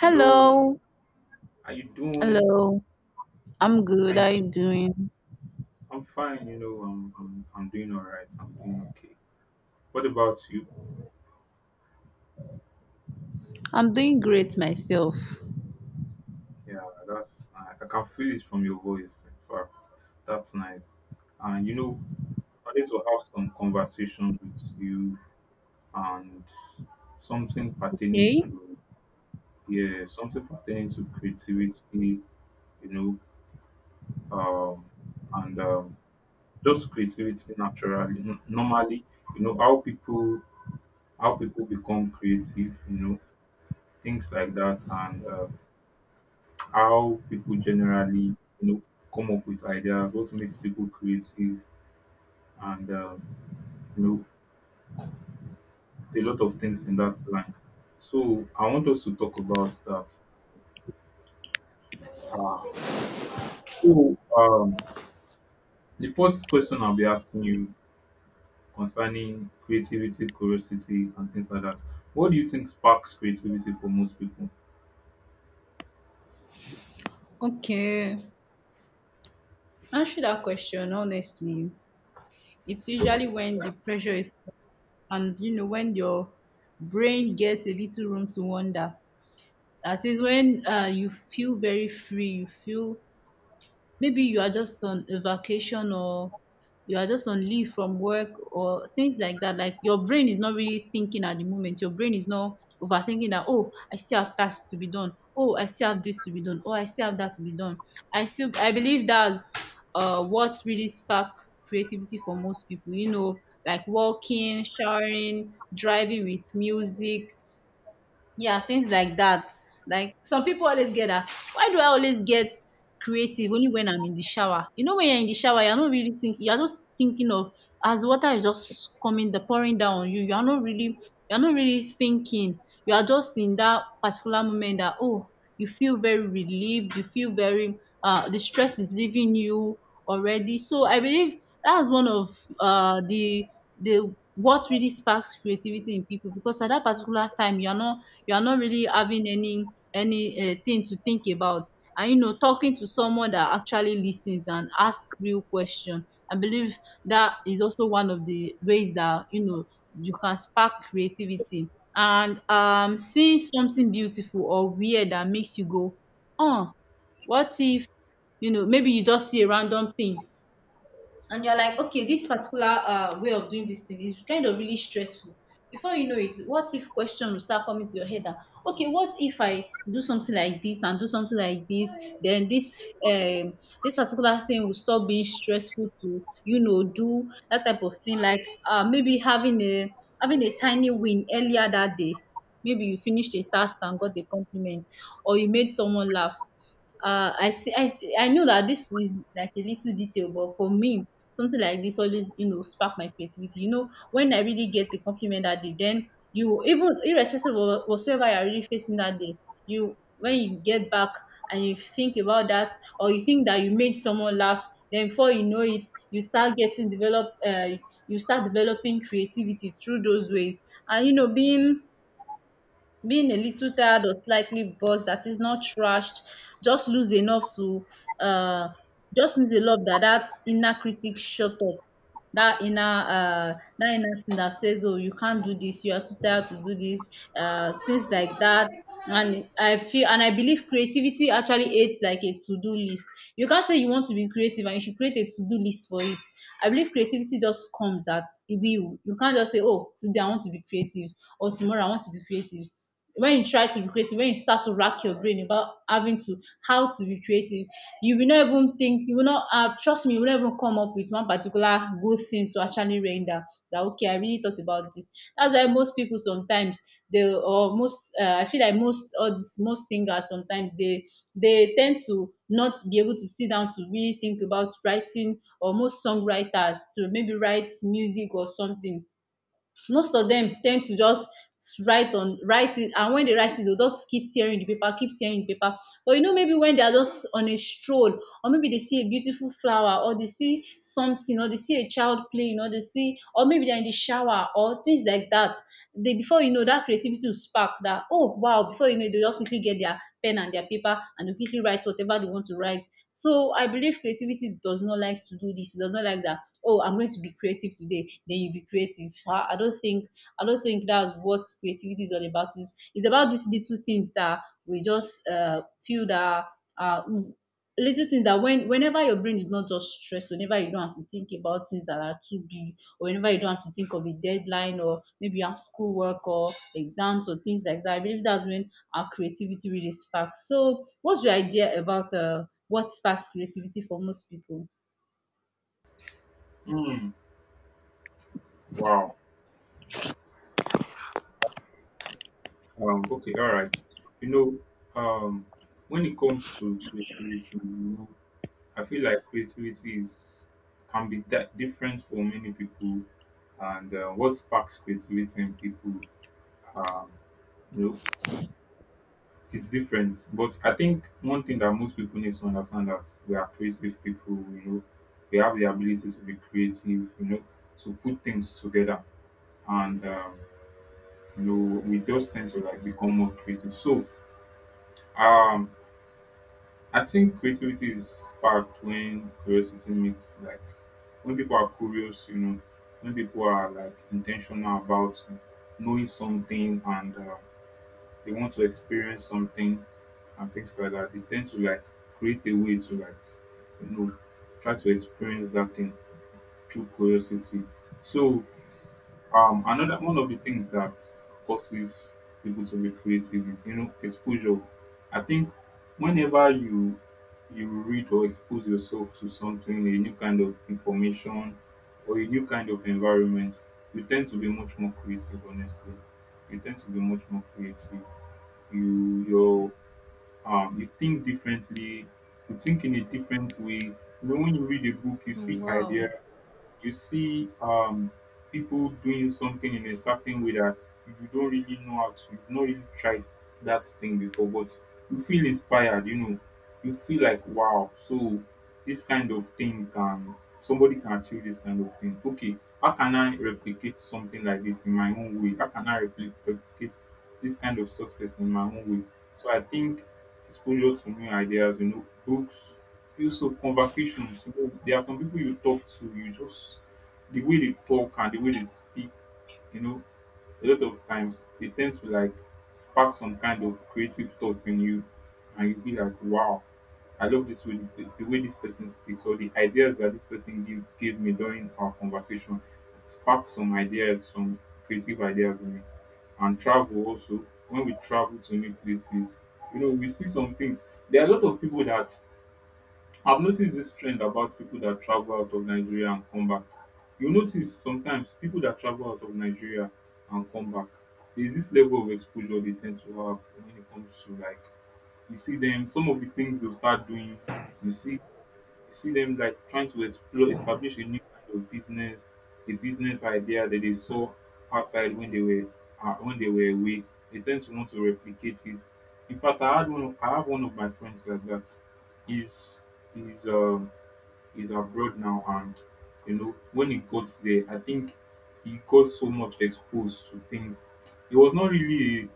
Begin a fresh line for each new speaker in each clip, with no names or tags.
Hello,
Hello.
how you doing?
Hello. I'm
How
good. How
you,
you doing?
I'm fine, you know, I'm doing all right. I'm doing okay. What about you?
I'm doing great myself.
Yeah, I can feel it from your voice. In fact, that's nice. And, you know, I need to have some conversation with you and something pertaining
Okay.
to, yeah, something pertaining to creativity, you know, um, and just creativity naturally, normally, you know, how people become creative, you know, things like that, and how people generally, you know, come up with ideas, what makes people creative, and, you know, a lot of things in that line. So I want us to talk about that. Uh, so the first question I'll be asking you concerning creativity, curiosity, and things like that. What do you think sparks creativity for most people?
Okay, answer that question honestly. It's usually when the pressure is, and you know, when your brain gets a little room to wander. That is when you feel very free. You feel maybe you are just on a vacation, or you are just on leave from work, or things like that. Like, your brain is not really thinking at the moment. Your brain is not overthinking that, oh, I still have tasks to be done. Oh, I still have this to be done. Oh, I still have that to be done. I believe that's what really sparks creativity for most people. You know, like walking, showering, driving with music, yeah, things like that. Like, some people always get that. Why do I always get creative only when I'm in the shower? You know, when you're in the shower, you're not really thinking. You're just thinking of, as water is just coming, the pouring down on you. You are not really, you're not really thinking. You are just in that particular moment that, oh, you feel very relieved. You feel very, the stress is leaving you already. So I believe that's one of uh the the what really sparks creativity in people, because at that particular time you're not really having any thing to think about. And you know, talking to someone that actually listens and ask real question, I believe that is also one of the ways that, you know, you can spark creativity. And, seeing something beautiful or weird that makes you go, oh, what if? You know, maybe you just see a random thing, and you're like, okay, this particular, way of doing this thing is kind of really stressful. Before you know it, what if question will start coming to your head? That, okay, what if I do something like this and do something like this? Then this particular thing will stop being stressful. To, you know, do that type of thing. Like, maybe having a having a tiny win earlier that day. Maybe you finished a task and got a compliment, or you made someone laugh. I see. I know that this is like a little detail, but for me, something like this always, you know, spark my creativity. You know, when I really get the compliment that day, then you, even irrespective of whatsoever you're really facing that day, you, when you get back and you think about that, or you think that you made someone laugh, then before you know it, you start getting develop. You start developing creativity through those ways. And you know, being a little tired or slightly buzzed, that is not trashed, just lose enough to uh just lose a love, that that inner critic shut up. That inner, that inner thing that says, oh, you can't do this, you are too tired to do this. Things like that. And I feel, and I believe, creativity actually aids like a to-do list. You can't say you want to be creative and you should create a to-do list for it. I believe creativity just comes at will. You can't just say, oh, today I want to be creative, or tomorrow I want to be creative. When you try to be creative, when you start to rack your brain about having to how to be creative, you will not even think. You will not, trust me, you will not even come up with one particular good thing to actually render. That, okay, I really thought about this. That's why most people sometimes, they or most I feel like most or this most singers sometimes, they tend to not be able to sit down to really think about writing, or most songwriters to maybe write music or something. Most of them tend to just write it. And when they write it, they will just keep tearing the paper, keep tearing the paper. But you know, maybe when they are just on a stroll, or maybe they see a beautiful flower, or they see something, or they see a child playing, or they see, or maybe they're in the shower or things like that, they, before you know, that creativity will spark. That, oh wow, before you know, they just quickly get their pen and their paper and they quickly write whatever they want to write. So I believe creativity does not like to do this, it does not like that, oh, I'm going to be creative today, then you be creative. Ah, I don't think that's what creativity is all about. It's about these little things that we just, feel that, uh, little things that when, whenever your brain is not just stressed, whenever you don't have to think about things that are too big, or whenever you don't have to think of a deadline, or maybe you have schoolwork or exams, or things like that, I believe that's when our creativity really sparks. So what's your idea about, what sparks creativity for most people?
Hmm, wow. Okay, all right. You know, when it comes to creativity, you know, I feel like creativity is can be that different for many people, and what sparks creativity in people, um, you know, is different. But I think one thing that most people need to understand is we are creative people. You know, we have the ability to be creative. You know, to put things together, and you know, we just tend to like become more creative. So. Um, I think creativity is sparked when curiosity meets like when people are curious, you know, when people are like intentional about knowing something and they want to experience something and things like that, they tend to like create a way to like you know try to experience that thing through curiosity. So another one of the things that causes people to be creative is you know exposure. I think whenever you read or expose yourself to something, a new kind of information or a new kind of environment, you tend to be much more creative. Honestly, you tend to be much more creative. You your you think differently. You think in a different way. You know, when you read a book, you
Mm.
see ideas,
Wow.
you see people doing something in a certain way that you don't really know how to, you've not really tried that thing before, but you feel inspired, you know, you feel like, wow, so this kind of thing can, somebody can achieve this kind of thing. Okay, how can I replicate something like this in my own way? How can I replicate this kind of success in my own way? So I think exposure to new ideas, you know, books, feel so conversations. You know, there are some people you talk to, you just the way they talk and the way they speak, you know, a lot of times they tend to like spark some kind of creative thoughts in you and you be like, wow, I love this way the way this person speaks or the ideas that this person gave me during our conversation. It sparked some ideas, some creative ideas in me. And travel also, when we travel to new places, you know, we see some things. There are a lot of people that I've noticed this trend about people that travel out of Nigeria and come back. You notice sometimes people that travel out of Nigeria and come back, there's this level of exposure they tend to have when it comes to like you see them, some of the things they'll start doing, you see I see them like trying to explore, establish a new kind of business, a business idea that they saw outside when they were away. They tend to want to replicate it. In fact, I had one. Of, I have one of my friends like that. He's he's um he's abroad now, and you know when he got there, I think he got so much exposed to things. He was not really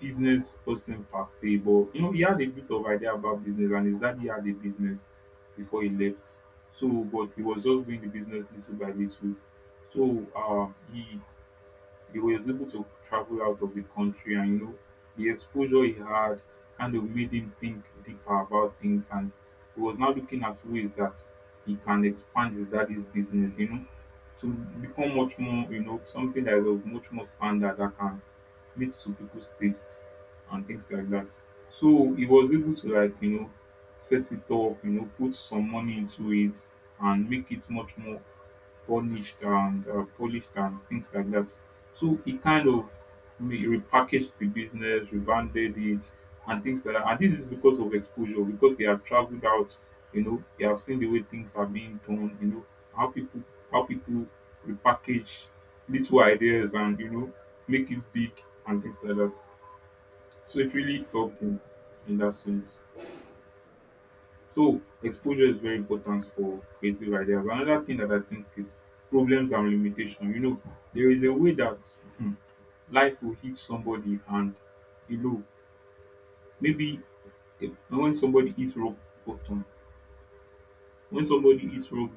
business person per se, but you know, he had a bit of idea about business and his daddy had a business before he left. So but he was just doing the business little by little. So he was able to travel out of the country and you know the exposure he had kind of made him think deeper about things and he was now looking at ways that he can expand his daddy's business, you know, to become much more, you know, something that is of much more standard that can meet some people's tastes and things like that. So he was able to like you know set it up, you know, put some money into it and make it much more punished and polished and things like that. So he kind of repackaged the business, rebranded it, and things like that. And this is because of exposure, because he have traveled out, you know, he have seen the way things are being done, you know, how people how people repackage little ideas and you know make it big and things like that. So it really helped him in that sense. So exposure is very important for creative ideas. Another thing that I think is problems and limitation. You know, there is a way that hmm, life will hit somebody and you know maybe if, when somebody hits rock bottom, when somebody hits rock